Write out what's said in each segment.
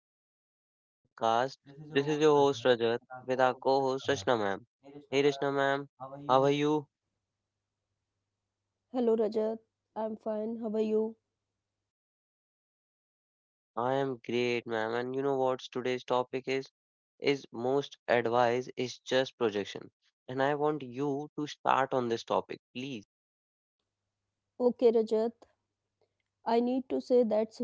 episode of our podcast. This is your host Rajat with our co-host Rashna ma'am. Hey Rashna ma'am, how are you? Hello Rajat, I'm fine. How are you? I am great ma'am and you know what today's topic is? Is most advice is just projection. And I want you to start on this topic, please. Okay, Rajat. I need to say that's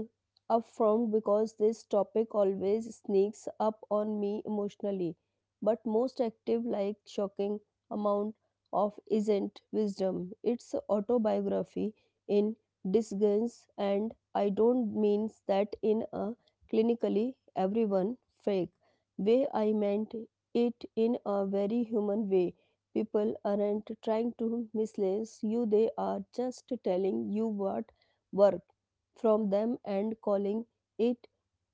upfront because this topic always sneaks up on me emotionally. But most active like shocking amount of isn't wisdom. It's autobiography in disguise, and I don't mean that in a clinically everyone fake way. I meant it in a very human way. People aren't trying to mislead you, they are just telling you what work from them and calling it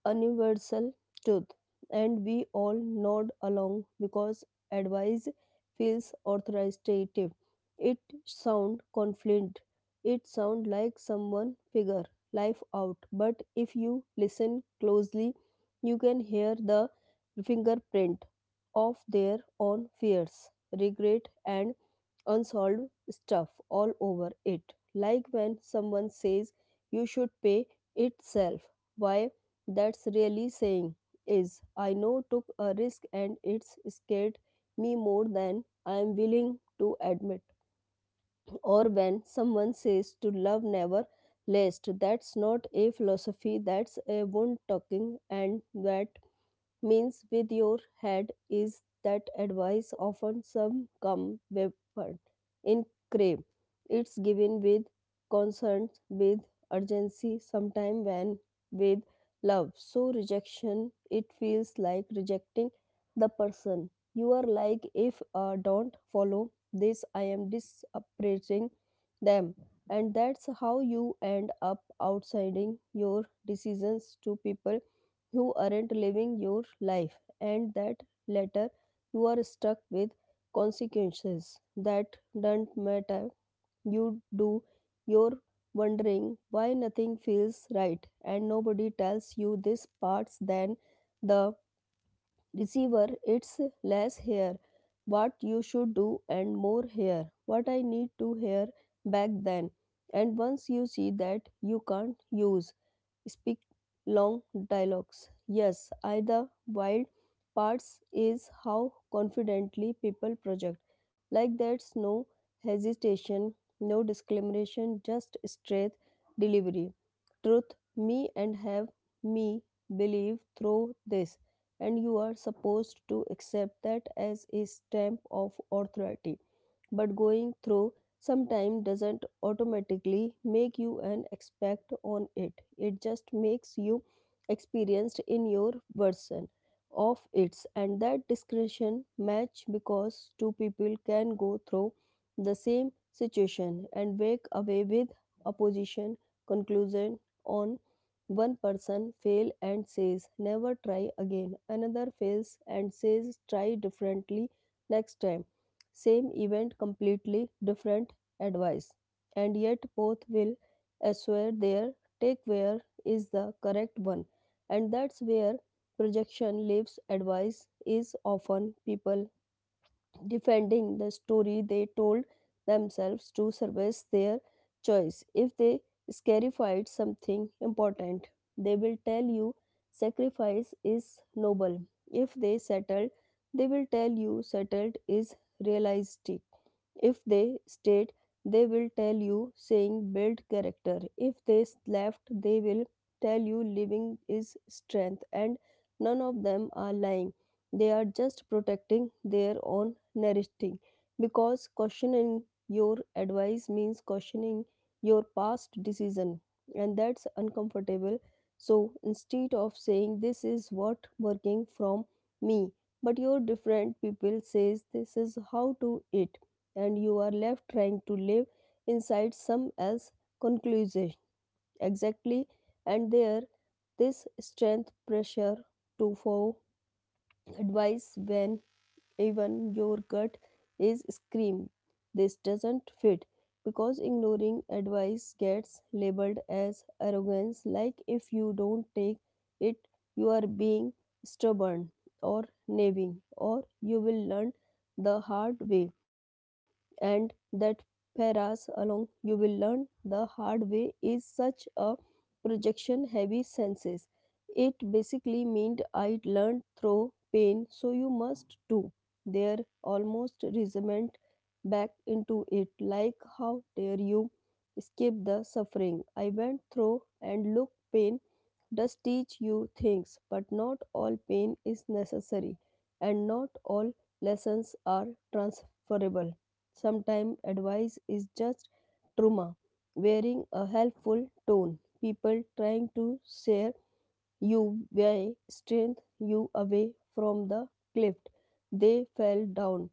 universal truth, and we all nod along because advice feels authoritative. It sound confident. It sound like someone figure life out. But if you listen closely, you can hear the fingerprint of their own fears, regret, and unsolved stuff all over it. Like when someone says you should pay itself. Why? That's really saying is, I know took a risk and it's scared me more than I am willing to admit. Or when someone says to love never last, that's not a philosophy, that's a wound talking. And that means with your head is that advice often some come weapon in crave. It's given with concern, with urgency, sometime when with love, so rejection it feels like rejecting the person you are. Like if don't follow this, I am disappraising them. And that's how you end up outsiding your decisions to people. You aren't living your life, and that later you are stuck with consequences that don't matter. You do your wondering why nothing feels right, and nobody tells you this parts. Than the receiver, it's less here what you should do and more here what I need to hear back then. And once you see that, you can't use speak long dialogues. Yes, I the wild parts is how confidently people project. Like that's no hesitation, no discrimination, just straight delivery. Truth, me and have me believe through this. And you are supposed to accept that as a stamp of authority. But going through some time doesn't automatically make you an expert on it, it just makes you experienced in your version of its. And that discretion match, because two people can go through the same situation and walk away with opposition conclusion on. One person fail and says never try again, another fails and says try differently next time. Same event, completely different advice, and yet both will assure their take where is the correct one. And that's where projection lives. Advice is often people defending the story they told themselves to service their choice. If they scarified something important, they will tell you sacrifice is noble. If they settled, they will tell you settled is realistic. If they stayed, they will tell you saying build character. If they left, they will tell you living is strength. And none of them are lying. They are just protecting their own narrative. Because questioning your advice means questioning your past decision. And that's uncomfortable. So instead of saying this is what working from me, but your different people says this is how to it, and you are left trying to live inside some else conclusion. Exactly, and there this strength pressure to follow advice when even your gut is scream this doesn't fit, because ignoring advice gets labeled as arrogance. Like if you don't take it, you are being stubborn or nagging or you will learn the hard way. And that paras along you will learn the hard way is such a projection heavy senses. It basically meant I learned through pain, so you must too. Their almost resentment back into it, like, how dare you escape the suffering I went through? And look, pain does teach you things, but not all pain is necessary, and not all lessons are transferable. Sometimes advice is just trauma, wearing a helpful tone. People trying to share you by strength you away from the cliff. They fell down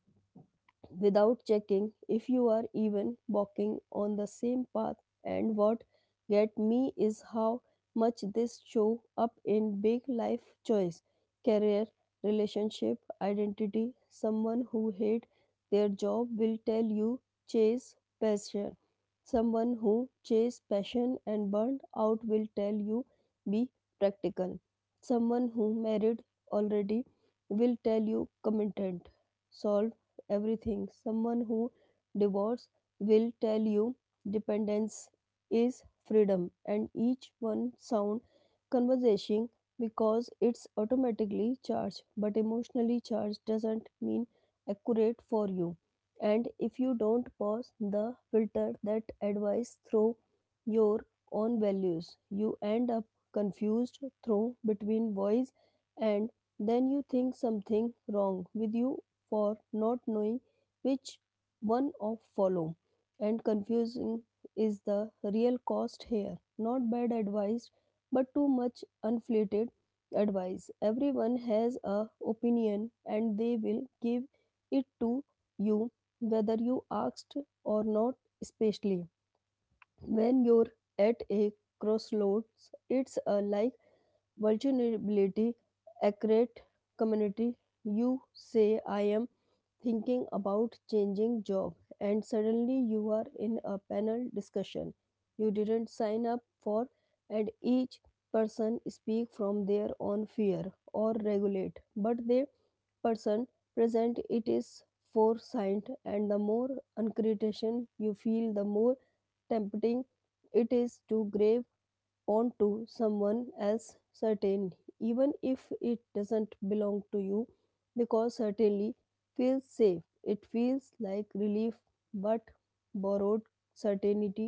without checking if you are even walking on the same path. And what get me is how much this show up in big life choice, career, relationship, identity. Someone who hate their job will tell you chase passion. Someone who chase passion and burned out will tell you be practical. Someone who married already will tell you commitment. Solve everything. Someone who divorces will tell you dependence is freedom. And each one sound conversation because it's automatically charged, but emotionally charged doesn't mean accurate for you. And if you don't pause the filter that advice through your own values, you end up confused through between voice, and then you think something wrong with you for not knowing which one of follow. And confusing is the real cost here, not bad advice, but too much unflated advice. Everyone has a opinion, and they will give it to you whether you asked or not, especially when you're at a crossroads. It's a like vulnerability, accurate community. You say, I am thinking about changing job, and suddenly you are in a panel discussion you didn't sign up for, and each person speak from their own fear or regulate, but the person present it is foresight. And the more uncritical you feel, the more tempting it is to grab onto someone else certain, even if it doesn't belong to you, because certainly feels safe, it feels like relief. But borrowed certainty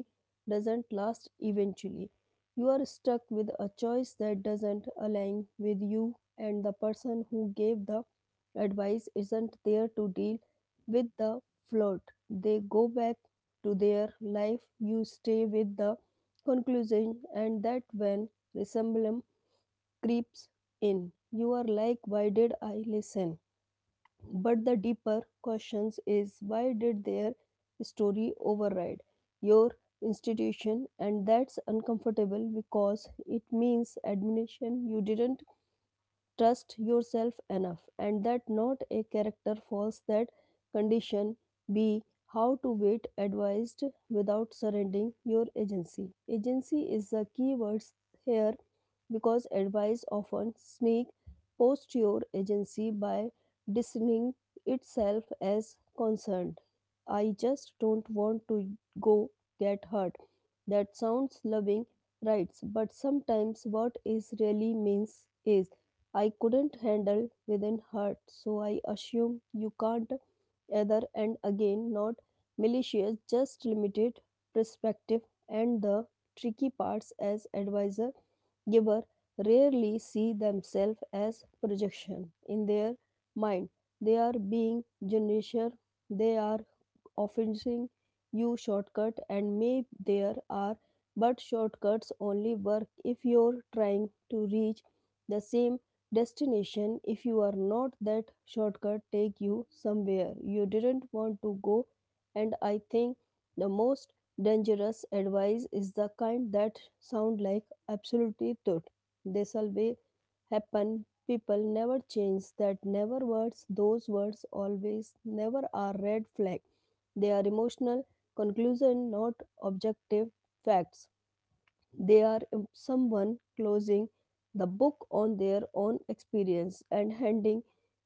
doesn't last. Eventually you are stuck with a choice that doesn't align with you, and the person who gave the advice isn't there to deal with the float. They go back to their life, you stay with the conclusion. And that when resemblance creeps in, you are like, why did I listen? But the deeper question is, why did their story override your institution? And that's uncomfortable because it means admission you didn't trust yourself enough, and that not a character falls that condition. B. How to wait advised without surrendering your agency. Agency is the key words here because advice often sneak post your agency by discerning itself as concerned. I just don't want to go get hurt. That sounds loving, right? But sometimes what is really means is, I couldn't handle within hurt, so I assume you can't either. And again, not malicious, just limited perspective. And the tricky parts as advisor giver rarely see themselves as projection in their mind. They are being generous. They are offering you shortcut, and may there are, but shortcuts only work if you're trying to reach the same destination. If you are not, that shortcut take you somewhere you didn't want to go. And I think the most dangerous advice is the kind that sound like absolutely tut, this will be happen, people never change, that never words, those words always never are red flag. They are emotional conclusion, not objective facts. They are someone closing the book on their own experience and handing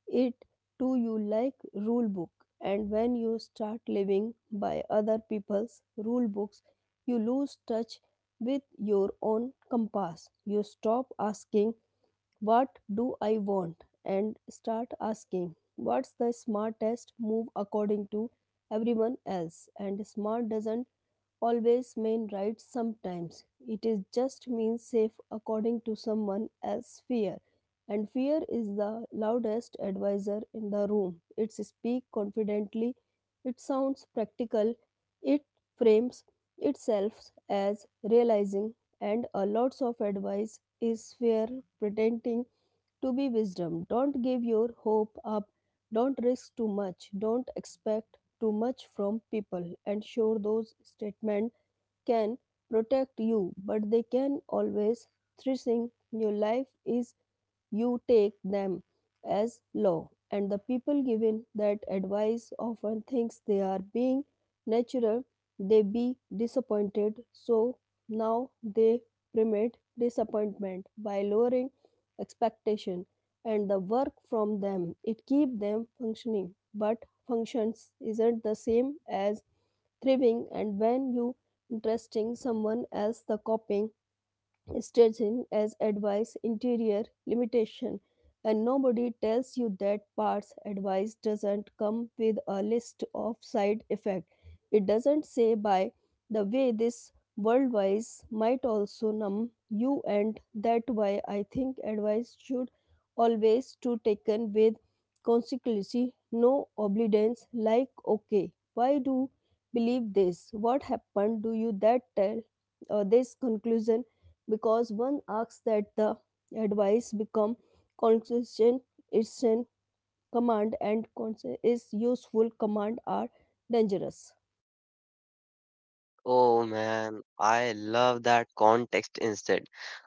it to you like rule book. And when you start living by other people's rule books, you lose touch with your own compass. You stop asking, what do I want? And start asking, what's the smartest move according to everyone else? And smart doesn't always mean right sometimes. It is just means safe according to someone else's fear. And fear is the loudest advisor in the room. It speaks confidently, it sounds practical, it frames itself as realizing, and a lots of advice is fear pretending to be wisdom. Don't give your hope up. Don't risk too much. Don't expect too much from people. And sure, those statements can protect you, but they can always threaten your life is you take them as law. And the people given that advice often thinks they are being natural, they be disappointed, so now they primate disappointment by lowering expectation, and the work from them it keep them functioning, but functions isn't the same as thriving. And when you interesting someone else the copying staging as advice interior limitation, and nobody tells you that parts. Advice doesn't come with a list of side effect. It doesn't say, by the way, this worldwise might also numb you. And that why I think advice should always to taken with consequence, no obedience. Like, okay, why do believe this, what happened do you that tell this conclusion? Because one asks that the advice become consistent. It's in command, and is useful, command are dangerous. Oh man, I love that context instead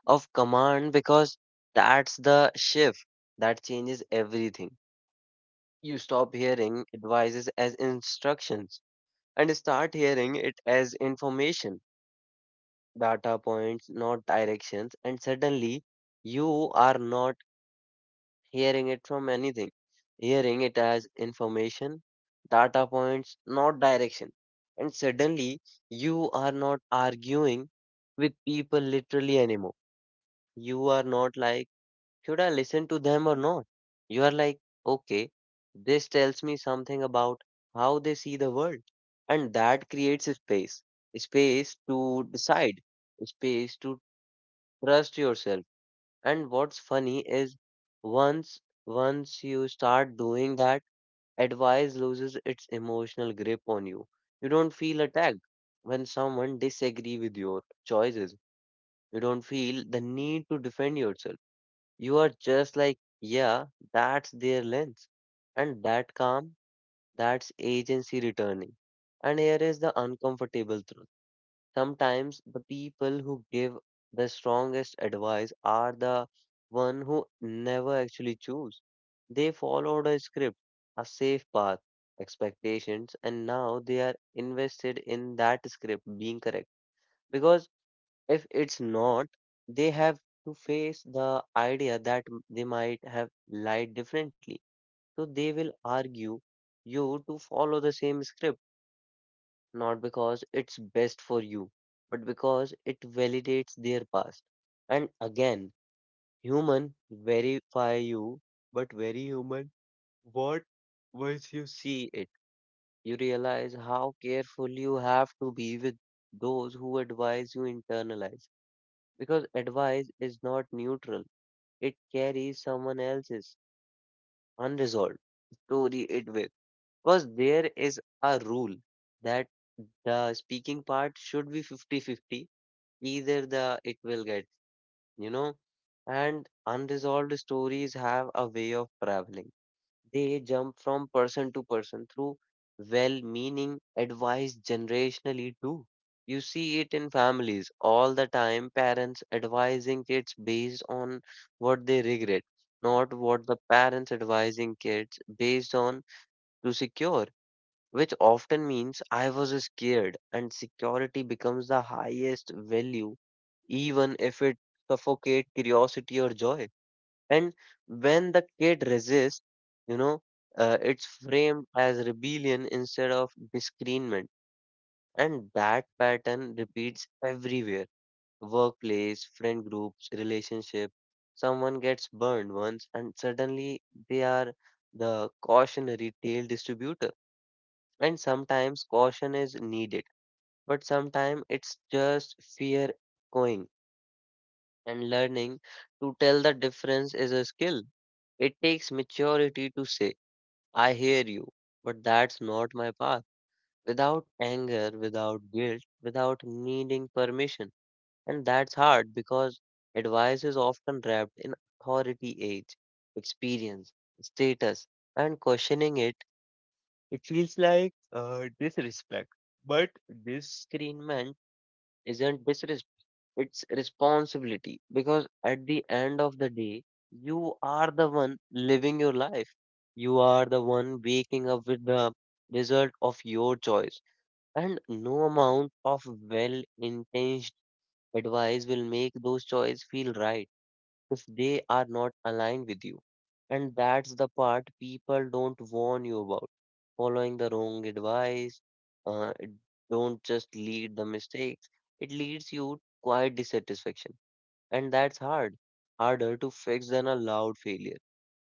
of command because that's the shift that changes everything. You stop hearing advices as instructions and start hearing it as information, data points, not directions, and suddenly you are not hearing it from anything, hearing it as information, data points, not direction. And suddenly you are not arguing with people literally anymore. You are not like, should I listen to them or not? You are like, okay, this tells me something about how they see the world. And that creates a space to decide, a space to trust yourself. And what's funny is once you start doing that, advice loses its emotional grip on you. You don't feel attacked when someone disagree with your choices. You don't feel the need to defend yourself, you are just like, yeah, that's their lens. And that calm, that's agency returning. And here is the uncomfortable truth. Sometimes the people who give the strongest advice are the one who never actually choose. They followed a script, a safe path, expectations, and now they are invested in that script being correct. Because if it's not, they have to face the idea that they might have lied differently. So they will argue you to follow the same script, not because it's best for you, but because it validates their past. And again, human verify you, but very human, what once you see it, you realize how careful you have to be with those who advise you internalize. Because advice is not neutral. It carries someone else's unresolved story it with. Because there is a rule that the speaking part should be fifty-fifty. Either the it will get, you know, and unresolved stories have a way of traveling. They jump from person to person through well meaning advice generationally too. You see it in families all the time, parents advising kids based on what they regret, not what the parents advising kids based on to secure, which often means I was scared, and security becomes the highest value, even if it suffocates curiosity or joy. And when the kid resists, you know, it's framed as rebellion instead of discernment. And that pattern repeats everywhere, workplace, friend groups, relationship. Someone gets burned once, and suddenly they are the cautionary tale distributor. And sometimes caution is needed, but sometimes it's just fear going, and learning to tell the difference is a skill. It takes maturity to say, I hear you, but that's not my path. Without anger, without guilt, without needing permission. And that's hard because advice is often wrapped in authority age, experience, status, and questioning it, it feels like disrespect. But disagreement isn't disrespect. It's responsibility because at the end of the day, you are the one living your life. You are the one waking up with the result of your choice. And no amount of well-intentioned advice will make those choices feel right if they are not aligned with you. And that's the part people don't warn you about. Following the wrong advice, it don't just lead the mistakes, it leads you to quiet dissatisfaction, and that's hard, harder to fix than a loud failure.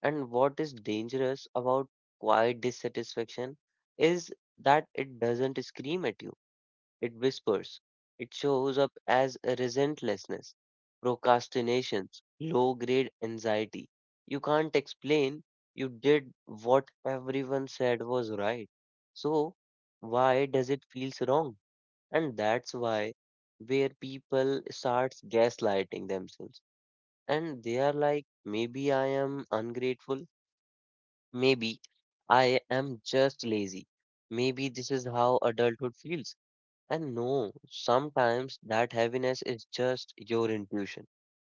And what is dangerous about quiet dissatisfaction is that it doesn't scream at you, it whispers. It shows up as a resentlessness, procrastinations, low grade anxiety you can't explain. You did what everyone said was right, so why does it feels wrong? And that's why, where people starts gaslighting themselves, and they are like, maybe I am ungrateful, maybe I am just lazy, maybe this is how adulthood feels. And no, sometimes that heaviness is just your intuition,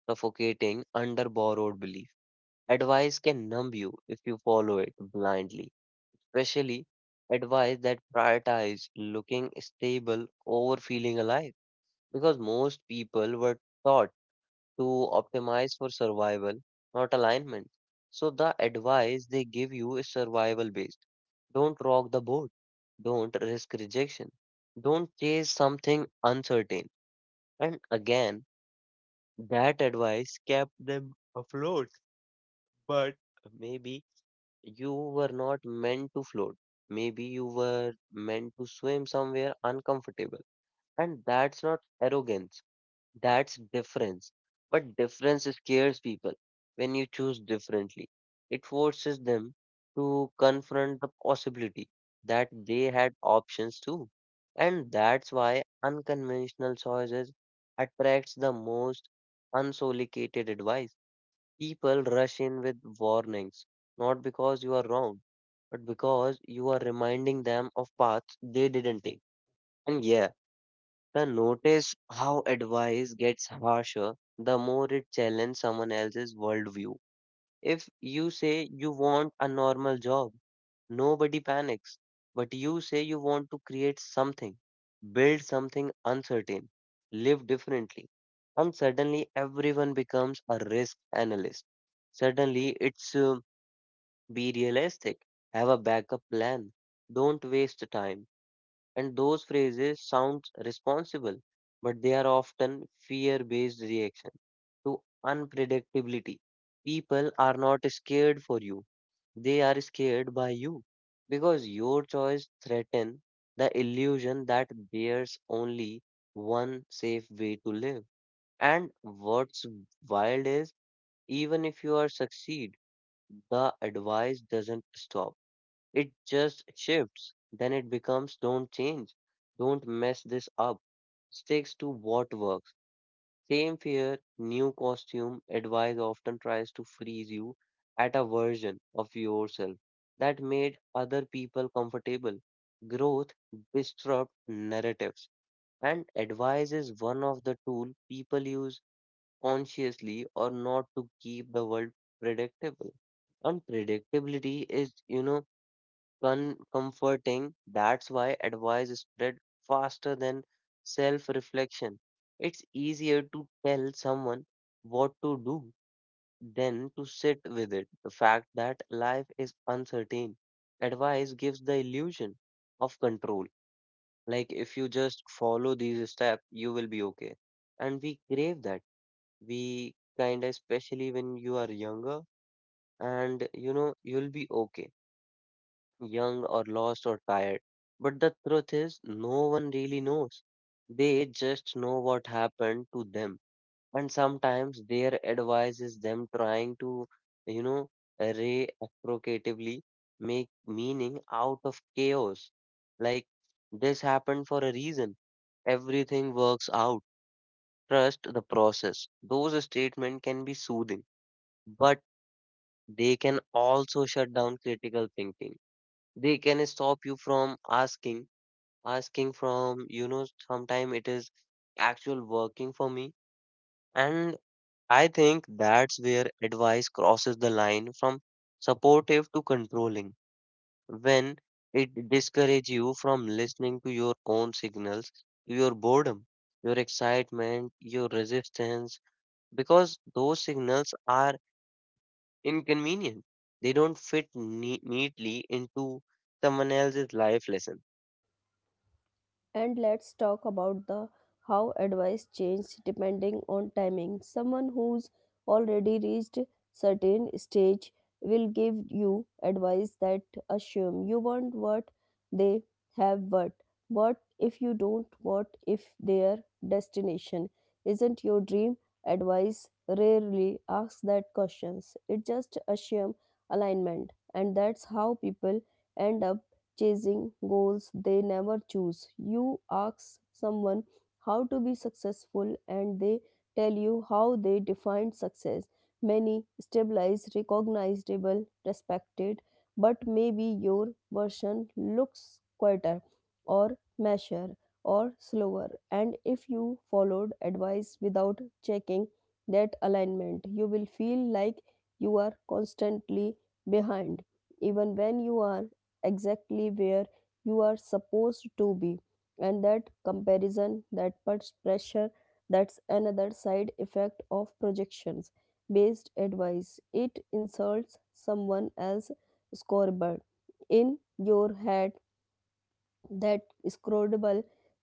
suffocating under borrowed belief. Advice can numb you if you follow it blindly, especially advice that prioritize looking stable over feeling alive, because most people were taught to optimize for survival, not alignment. So the advice they give you is survival based. Don't rock the boat. Don't risk rejection. Don't chase something uncertain. And again, that advice kept them afloat. But maybe you were not meant to float. Maybe you were meant to swim somewhere uncomfortable. And that's not arrogance. That's difference. But difference scares people when you choose differently. It forces them to confront the possibility that they had options too. And that's why unconventional choices attracts the most unsolicited advice. People rush in with warnings, not because you are wrong, but because you are reminding them of paths they didn't take. And yeah, the notice how advice gets harsher the more it challenges someone else's worldview. If you say you want a normal job, nobody panics. But you say you want to create something, build something uncertain, live differently. And suddenly everyone becomes a risk analyst. Suddenly it's be realistic, have a backup plan, don't waste time, and those phrases sound responsible, but they are often fear-based reaction to unpredictability. People are not scared for you. They are scared by you because your choice threaten the illusion that there's only one safe way to live. And what's wild is even if you are succeed, the advice doesn't stop. It just shifts. Then it becomes don't change, don't mess this up. Sticks to what works. Same fear, new costume, advice often tries to freeze you at a version of yourself that made other people comfortable. Growth disrupt narratives, and advice is one of the tool people use consciously or not to keep the world predictable, unpredictability is comforting. That's why advice is spread faster than self reflection. It's easier to tell someone what to do than to sit with it. The fact that life is uncertain, advice gives the illusion of control. Like if you just follow these steps, you will be okay. And we crave that. We kind of, especially when you are younger, and you know, you'll be okay, young or lost or tired. But the truth is, no one really knows. They just know what happened to them. And sometimes their advice is them trying to, you know, reciprocatively make meaning out of chaos. Like this happened for a reason. Everything works out. Trust the process. Those statements can be soothing, but they can also shut down critical thinking. They can stop you from asking from sometime it is actual working for me. And I think that's where advice crosses the line from supportive to controlling, when it discourages you from listening to your own signals, to your boredom, your excitement, your resistance, because those signals are inconvenient. They don't fit neatly into someone else's life lesson. And let's talk about the how advice changes depending on timing. Someone who's already reached certain stage will give you advice that assume you want what they have what. What if you don't? What if their destination isn't your dream? Advice rarely asks that questions. It just assume alignment, and that's how people end up chasing goals they never choose. You ask someone how to be successful, and they tell you how they define success. Many stabilized, recognizable, respected, but maybe your version looks quieter or measure or slower. And if you followed advice without checking that alignment, you will feel like you are constantly behind, even when you are exactly where you are supposed to be. And that comparison that puts pressure, that's another side effect of projections based advice. It insults someone else's scoreboard in your head. That scrollable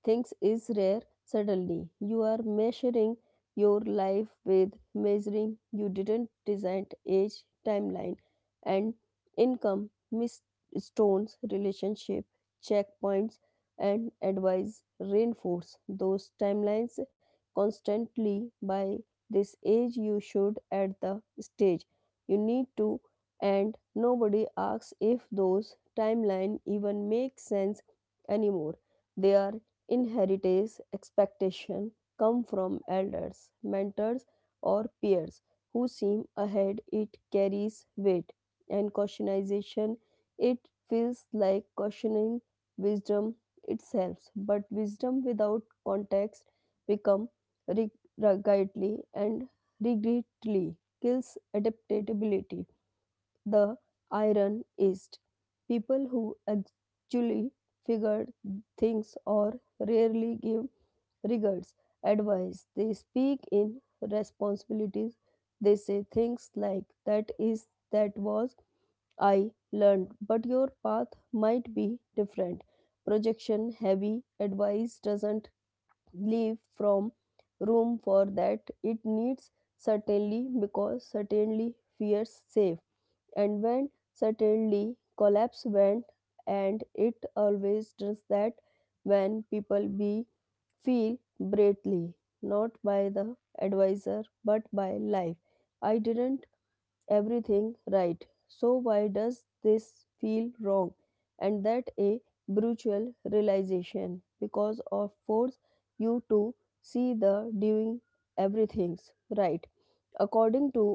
things is rare. Suddenly you are measuring your life with measuring you didn't design, age timeline and income milestones relationship checkpoints. And advice reinforce those timelines constantly by this age you should at the stage, you need to, and nobody asks if those timeline even make sense anymore. Their inheritance expectation come from elders, mentors or peers who seem ahead, it carries weight and cautionization, it feels like cautioning wisdom itself. But wisdom without context become rigidly, and regretly kills adaptability. The iron is people who actually figured things or rarely give regards advice. They speak in responsibilities. They say things like that is that was I learned, but your path might be different. Projection heavy advice doesn't leave from room for that. It needs certainly because certainly fears safe. And when suddenly collapse went, and it always does, that when people be feel greatly, not by the advisor but by life. I didn't everything right, so why does this feel wrong? And that a brutal realization because of force you to see the doing everything's right according to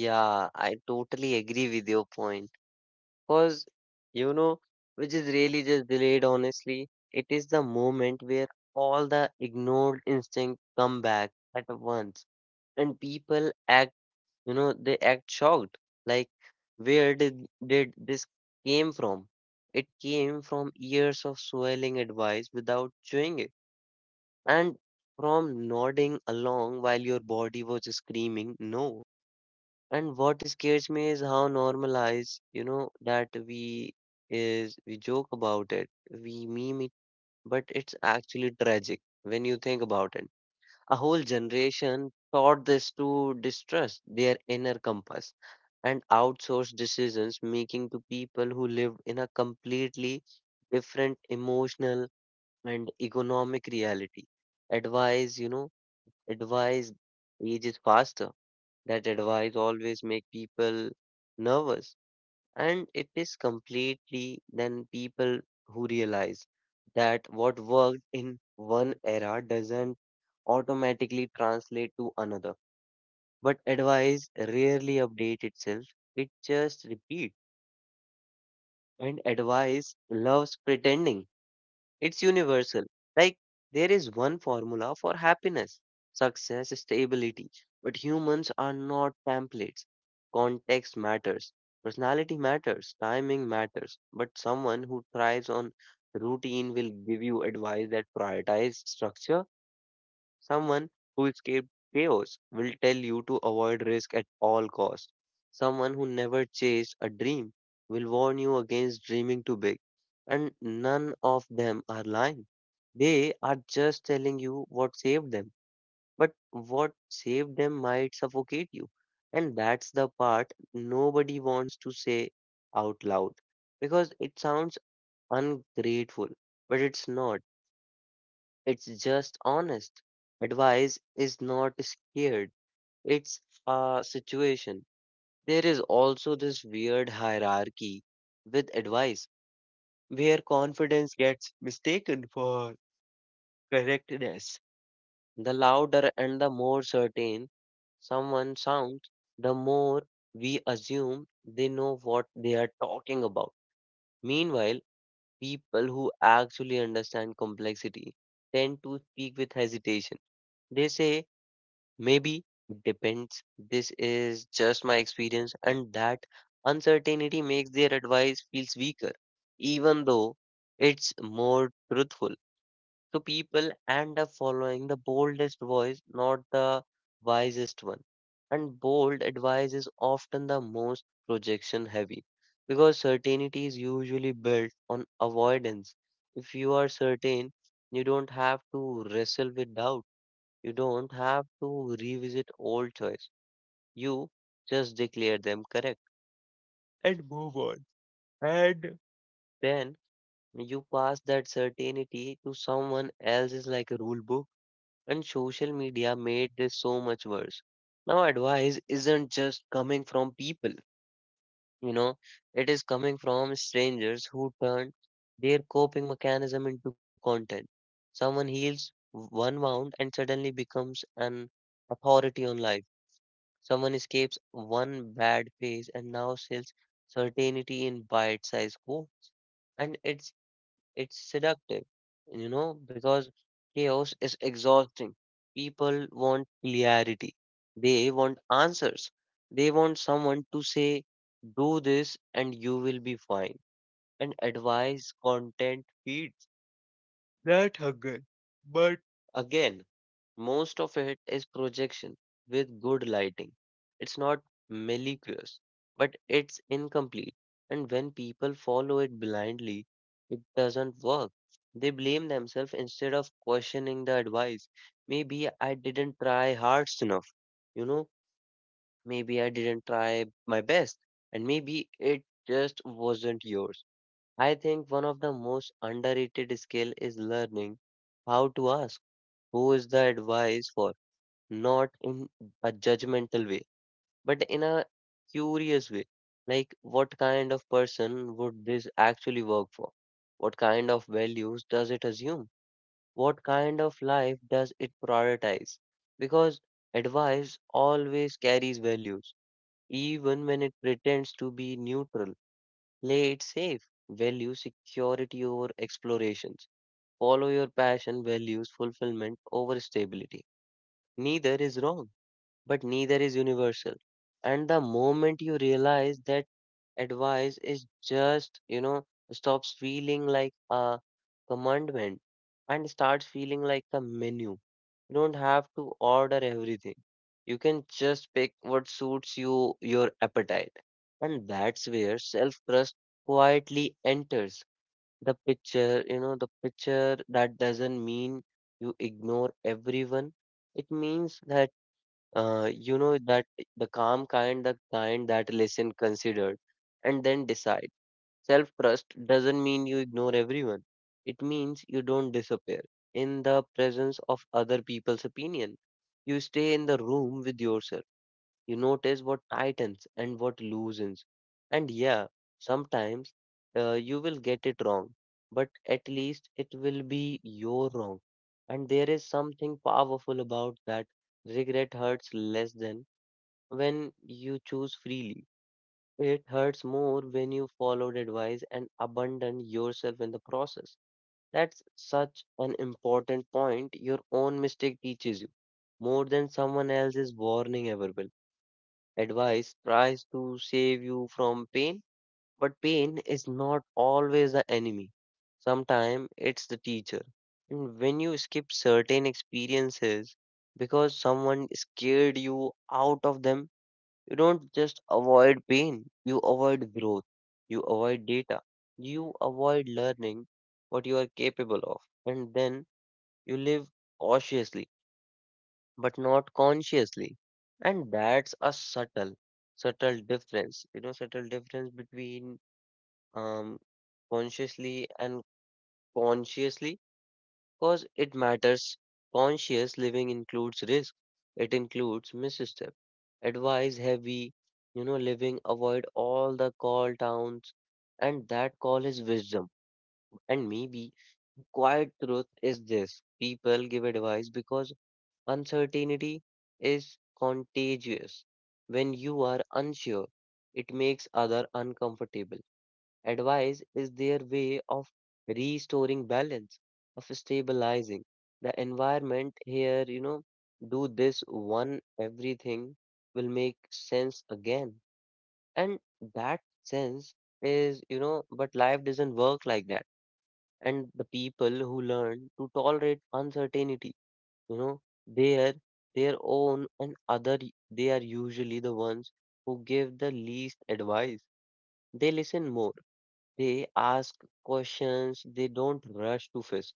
Yeah, I totally agree with your point. Cause you know, which is really just delayed honestly. It is the moment where all the ignored instinct come back at once. And people act, you know, they act shocked. Like, where did this came from? It came from years of swelling advice without chewing it. And from nodding along while your body was screaming no. And what scares me is how normalized, you know, that we is, we joke about it, we meme it, but it's actually tragic when you think about it. A whole generation taught this to distrust their inner compass and outsource decisions making to people who lived in a completely different emotional and economic reality. Advice, advice ages faster, that advice always make people nervous, and it is completely then people who realize that what worked in one era doesn't automatically translate to another, but advice rarely update itself, it just repeat. And advice loves pretending it's universal. Like there is one formula for happiness, success, stability. But humans are not templates. Context matters. Personality matters. Timing matters. But someone who thrives on routine will give you advice that prioritizes structure. Someone who escaped chaos will tell you to avoid risk at all costs. Someone who never chased a dream will warn you against dreaming too big. And none of them are lying. They are just telling you what saved them. But what saved them might suffocate you. And that's the part nobody wants to say out loud because it sounds ungrateful, but it's not. It's just honest. Advice is not scared. It's a situation. There is also this weird hierarchy with advice where confidence gets mistaken for correctness. The louder and the more certain someone sounds, the more we assume they know what they are talking about. Meanwhile, people who actually understand complexity tend to speak with hesitation. They say maybe, depends. This is just my experience, and that uncertainty makes their advice feels weaker, even though it's more truthful. So people end up following the boldest voice, not the wisest one. And bold advice is often the most projection heavy because certainty is usually built on avoidance. If you are certain, you don't have to wrestle with doubt. You don't have to revisit old choice. You just declare them correct and move on. And then you pass that certainty to someone else is like a rule book and social media made this so much worse. Now advice isn't just coming from people, you know, it is coming from strangers who turn their coping mechanism into content. Someone heals one wound and suddenly becomes an authority on life. Someone escapes one bad phase and now sells certainty in bite-sized quotes, and it's seductive, because chaos is exhausting. People want clarity. They want answers. They want someone to say, "Do this, and you will be fine." And advice content feeds. That again. But again, most of it is projection with good lighting. It's not malicious, but it's incomplete. And when people follow it blindly, it doesn't work. They blame themselves instead of questioning the advice. Maybe I didn't try hard enough, you know, maybe I didn't try my best, and maybe it just wasn't yours. I think one of the most underrated skill is learning how to ask who is the advice for, not in a judgmental way, but in a curious way. Like what kind of person would this actually work for? What kind of values does it assume? What kind of life does it prioritize? Because advice always carries values, even when it pretends to be neutral. Play it safe. Value security over explorations. Follow your passion, values fulfillment over stability. Neither is wrong but neither is universal. And the moment you realize that advice is just, stops feeling like a commandment and starts feeling like a menu. You don't have to order everything. You can just pick what suits you, your appetite. And that's where self-trust quietly enters the picture that doesn't mean you ignore everyone. It means that you know that the calm kind, the kind that listen considered and then decide. Self-trust doesn't mean you ignore everyone. It means you don't disappear in the presence of other people's opinion. You stay in the room with yourself. You notice what tightens and what loosens. And yeah, sometimes you will get it wrong, but at least it will be your wrong. And there is something powerful about that. Regret hurts less than when you choose freely. It hurts more when you followed advice and abandoned yourself in the process. That's such an important point your own mistake teaches you more than someone else's warning ever will. Advice tries to save you from pain, but pain is not always the enemy. Sometimes it's the teacher. And when you skip certain experiences because someone scared you out of them, you don't just avoid pain, you avoid growth, you avoid data, you avoid learning what you are capable of, and then you live cautiously but not consciously. And that's a subtle, subtle difference, subtle difference between um, consciously and consciously, because it matters. Conscious living includes risk, it includes misstep. Advice heavy, living avoid all the call downs, and that call is wisdom. And maybe quiet truth is this people give advice because uncertainty is contagious. When you are unsure, it makes other uncomfortable. Advice is their way of restoring balance, of stabilizing the environment here, do this one, everything will make sense again. And that sense is, but life doesn't work like that. And the people who learn to tolerate uncertainty you know their their own and other they are usually the ones who give the least advice they listen more they ask questions they don't rush to fish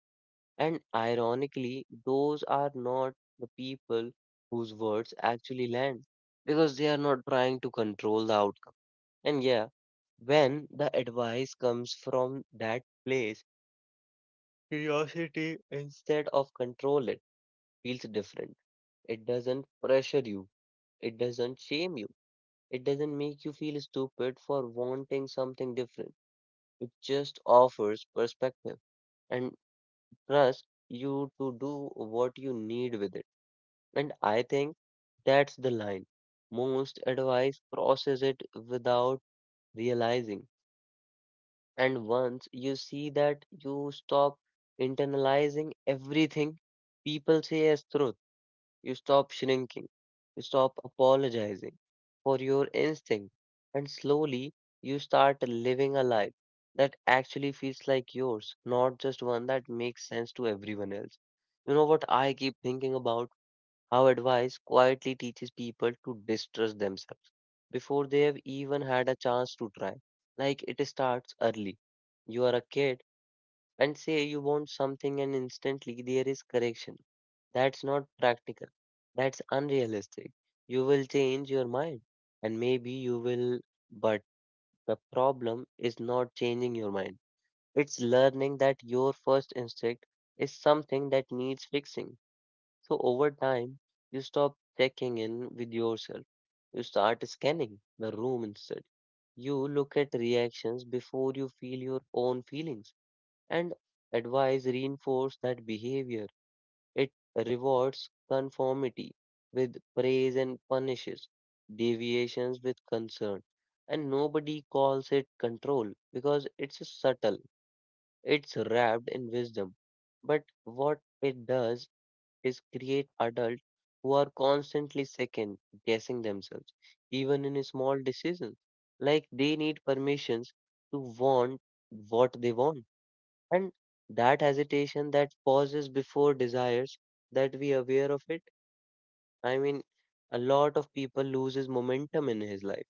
and ironically those are not the people whose words actually land because they are not trying to control the outcome and yeah when the advice comes from that place curiosity instead of control it feels different it doesn't pressure you. It doesn't shame you. It doesn't make you feel stupid for wanting something different. It just offers perspective and trusts you to do what you need with it. And I think that's the line. Most advice crosses it without realizing. And once you see that, you stop internalizing everything people say as truth. You stop shrinking. You stop apologizing for your instinct. And slowly you start living a life that actually feels like yours, not just one that makes sense to everyone else. You know what I keep thinking about? How advice quietly teaches people to distrust themselves before they have even had a chance to try. Like it starts early. You are a kid and say you want something, and instantly there is correction that's not practical. That's unrealistic. You will change your mind, and maybe you will, but the problem is not changing your mind. It's learning that your first instinct is something that needs fixing. So over time, you stop checking in with yourself. You start scanning the room instead. You look at reactions before you feel your own feelings, and advice reinforce that behavior it rewards conformity with praise and punishes deviations with concern. And nobody calls it control because it's subtle, it's wrapped in wisdom. But what it does is create adults who are constantly second guessing themselves, even in small decisions. Like they need permissions to want what they want and that hesitation, that pauses before desires, that we aware of it. I mean, a lot of people loses momentum in his life.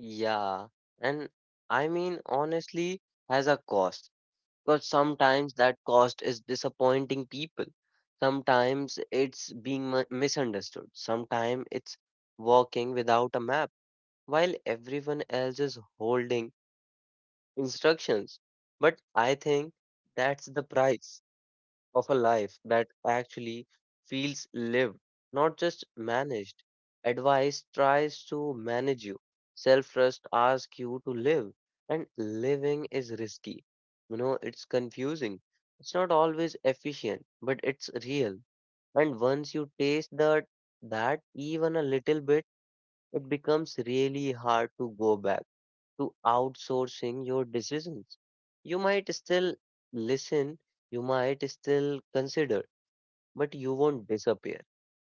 Yeah, and I mean, honestly, has a cost because sometimes that cost is disappointing people. Sometimes it's being misunderstood. Sometimes it's walking without a map while everyone else is holding instructions. But I think that's the price of a life that actually feels lived, not just managed. Advice tries to manage you. Self trust asks you to live, and living is risky. You know, it's confusing. It's not always efficient, but it's real. And once you taste that, that even a little bit, it becomes really hard to go back to outsourcing your decisions. You might still listen, you might still consider but you won't disappear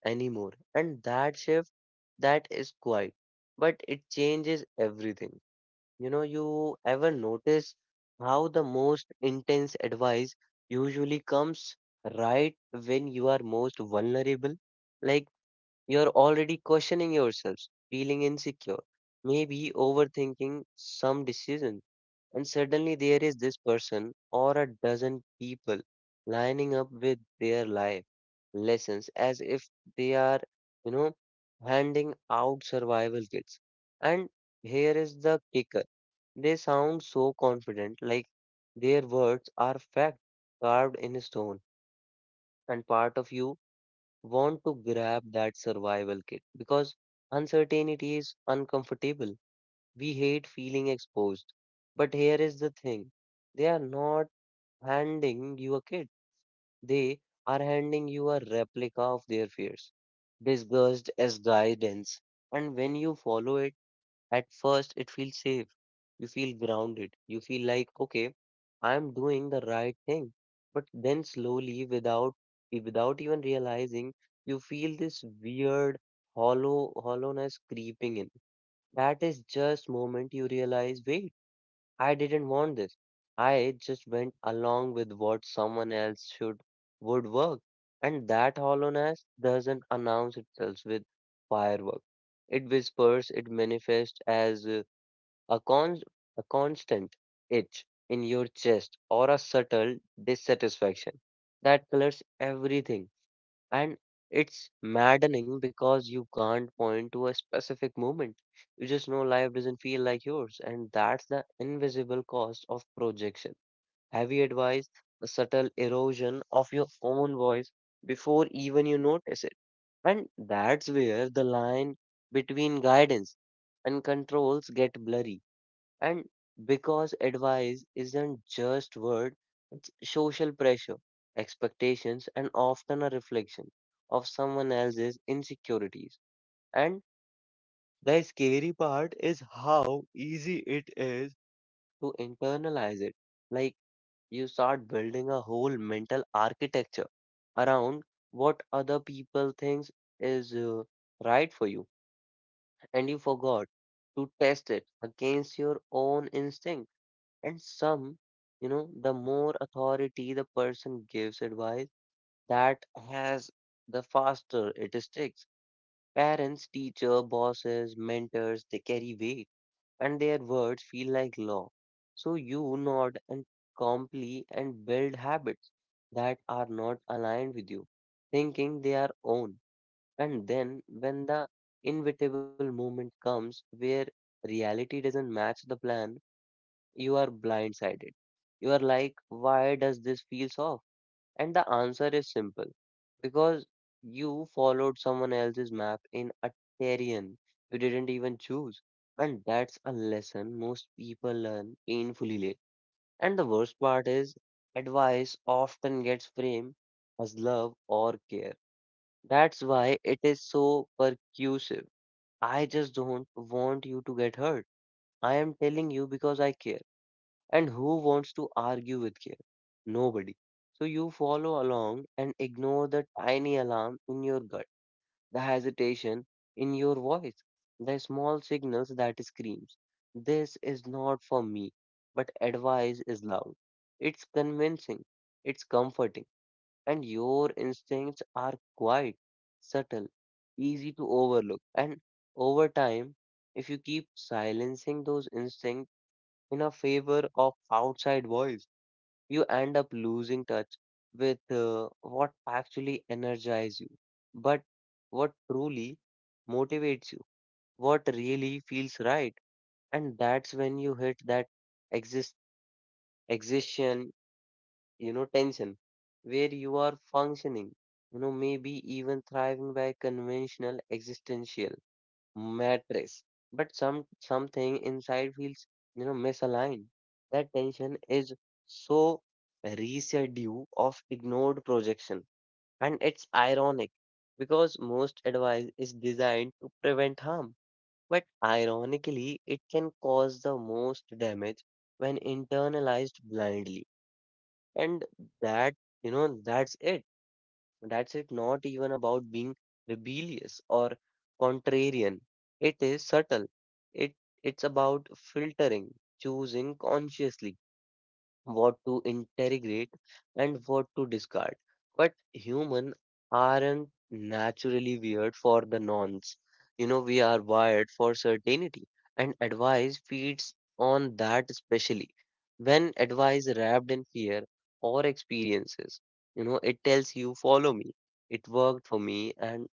anymore. And that shift, that is quiet, but it changes everything. You know, you ever notice how the most intense advice usually comes right when you are most vulnerable? Like you're already questioning yourselves, feeling insecure, maybe overthinking some decisions and suddenly there is this person or a dozen people lining up with their life lessons as if they are, you know, handing out survival kits. And here is the kicker. They sound so confident, like their words are fact carved in stone. And part of you want to grab that survival kit because uncertainty is uncomfortable we hate feeling exposed. But here is the thing they are not handing you a kid, they are handing you a replica of their fears, disguised as guidance. And when you follow it, at first it feels safe. You feel grounded. You feel like, okay, I am doing the right thing. But then slowly, without even realizing, you feel this weird hollowness creeping in that is just moment you realize, wait, I didn't want this. I just went along with what someone else should would work. And that hollowness doesn't announce itself with firework. It whispers, it manifests as a con a constant itch in your chest or a subtle dissatisfaction that colors everything. And it's maddening because you can't point to a specific moment. You just know life doesn't feel like yours, and that's the invisible cost of projection. Heavy advice, a subtle erosion of your own voice before even you notice it. And that's where the line between guidance and controls get blurry. And because advice isn't just word, it's social pressure, expectations, and often a reflection of someone else's insecurities. And the scary part is how easy it is to internalize it. Like you start building a whole mental architecture around what other people thinks is right for you, and you forgot to test it against your own instinct and some, the more authority the person gives advice that has, the faster it sticks. Parents, teacher, bosses, mentors, they carry weight and their words feel like law. So you nod and comply and build habits that are not aligned with you, thinking they are own. And then when the inevitable moment comes where reality doesn't match the plan, you are blindsided. You are like, why does this feel off? And the answer is simple because you followed someone else's map in a terrain you didn't even choose. And that's a lesson most people learn painfully late. And the worst part is, advice often gets framed as love or care. That's why it is so percussive. I just don't want you to get hurt. I am telling you because I care. And who wants to argue with care? Nobody. So you follow along and ignore the tiny alarm in your gut, the hesitation in your voice, the small signals that screams, this is not for me. But advice is loud. It's convincing, it's comforting, and your instincts are quite subtle, easy to overlook. And over time, if you keep silencing those instincts, in a favor of outside voice, you end up losing touch with what actually energizes you, but what truly motivates you, what really feels right. And that's when you hit that exist existential, tension where you are functioning, maybe even thriving by conventional existential mattress, but something inside feels misaligned. That tension is so residue of ignored projection, and it's ironic because most advice is designed to prevent harm, but ironically, it can cause the most damage when internalized blindly, and that you know that's it that's it, not even about being rebellious or contrarian. It is subtle. It it's about filtering, choosing consciously what to integrate and what to discard. But humans aren't naturally weird for the nonce. You know, we are wired for certainty, and advice feeds on that, especially when advice wrapped in fear or experiences. You know, it tells you, follow me. It worked for me, and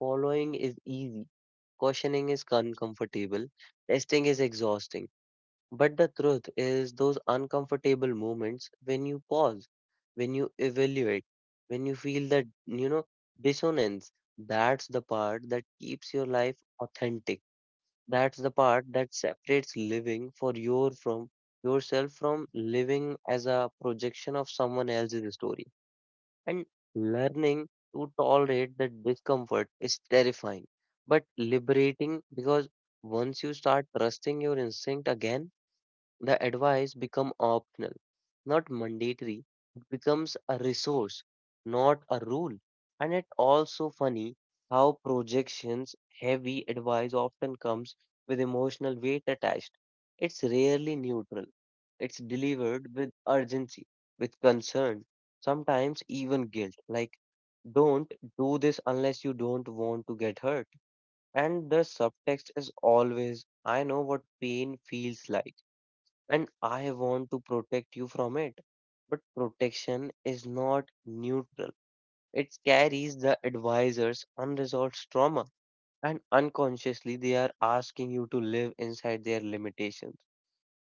following is easy. Questioning is uncomfortable. Testing is exhausting. But the truth is, those uncomfortable moments when you pause, when you evaluate, when you feel that, dissonance, that's the part that keeps your life authentic. That's the part that separates living for your from yourself from living as a projection of someone else's story. And learning to tolerate that discomfort is terrifying, but liberating because once you start trusting your instinct again, the advice become optional, not mandatory. It becomes a resource, not a rule. And it also funny how projections heavy advice often comes with emotional weight attached. It's rarely neutral. It's delivered with urgency, with concern, sometimes even guilt. Like, don't do this unless you don't want to get hurt. And the subtext is always, I know what pain feels like and I want to protect you from it. But protection is not neutral. It carries the advisor's unresolved trauma, and unconsciously they are asking you to live inside their limitations.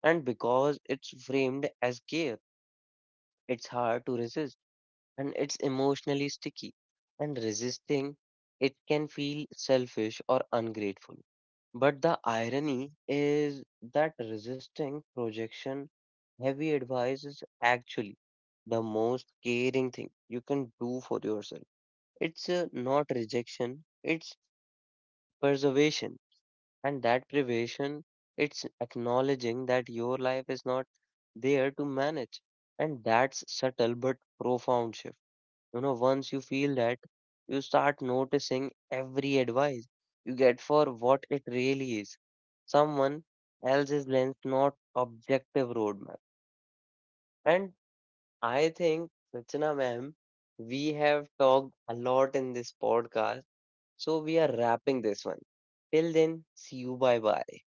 And because it's framed as care, it's hard to resist, and it's emotionally sticky. And resisting it can feel selfish or ungrateful. But the irony is that resisting projection heavy advice is actually the most caring thing you can do for yourself. It's not rejection, it's preservation. And that preservation, it's acknowledging that your life is not there to manage. And that's subtle but profound shift. You know, once you feel that, you start noticing every advice you get for what it really is. Someone else's lens, not objective roadmap. And I think, Rachana ma'am, we have talked a lot in this podcast, so we are wrapping this one. Till then, see you. Bye bye.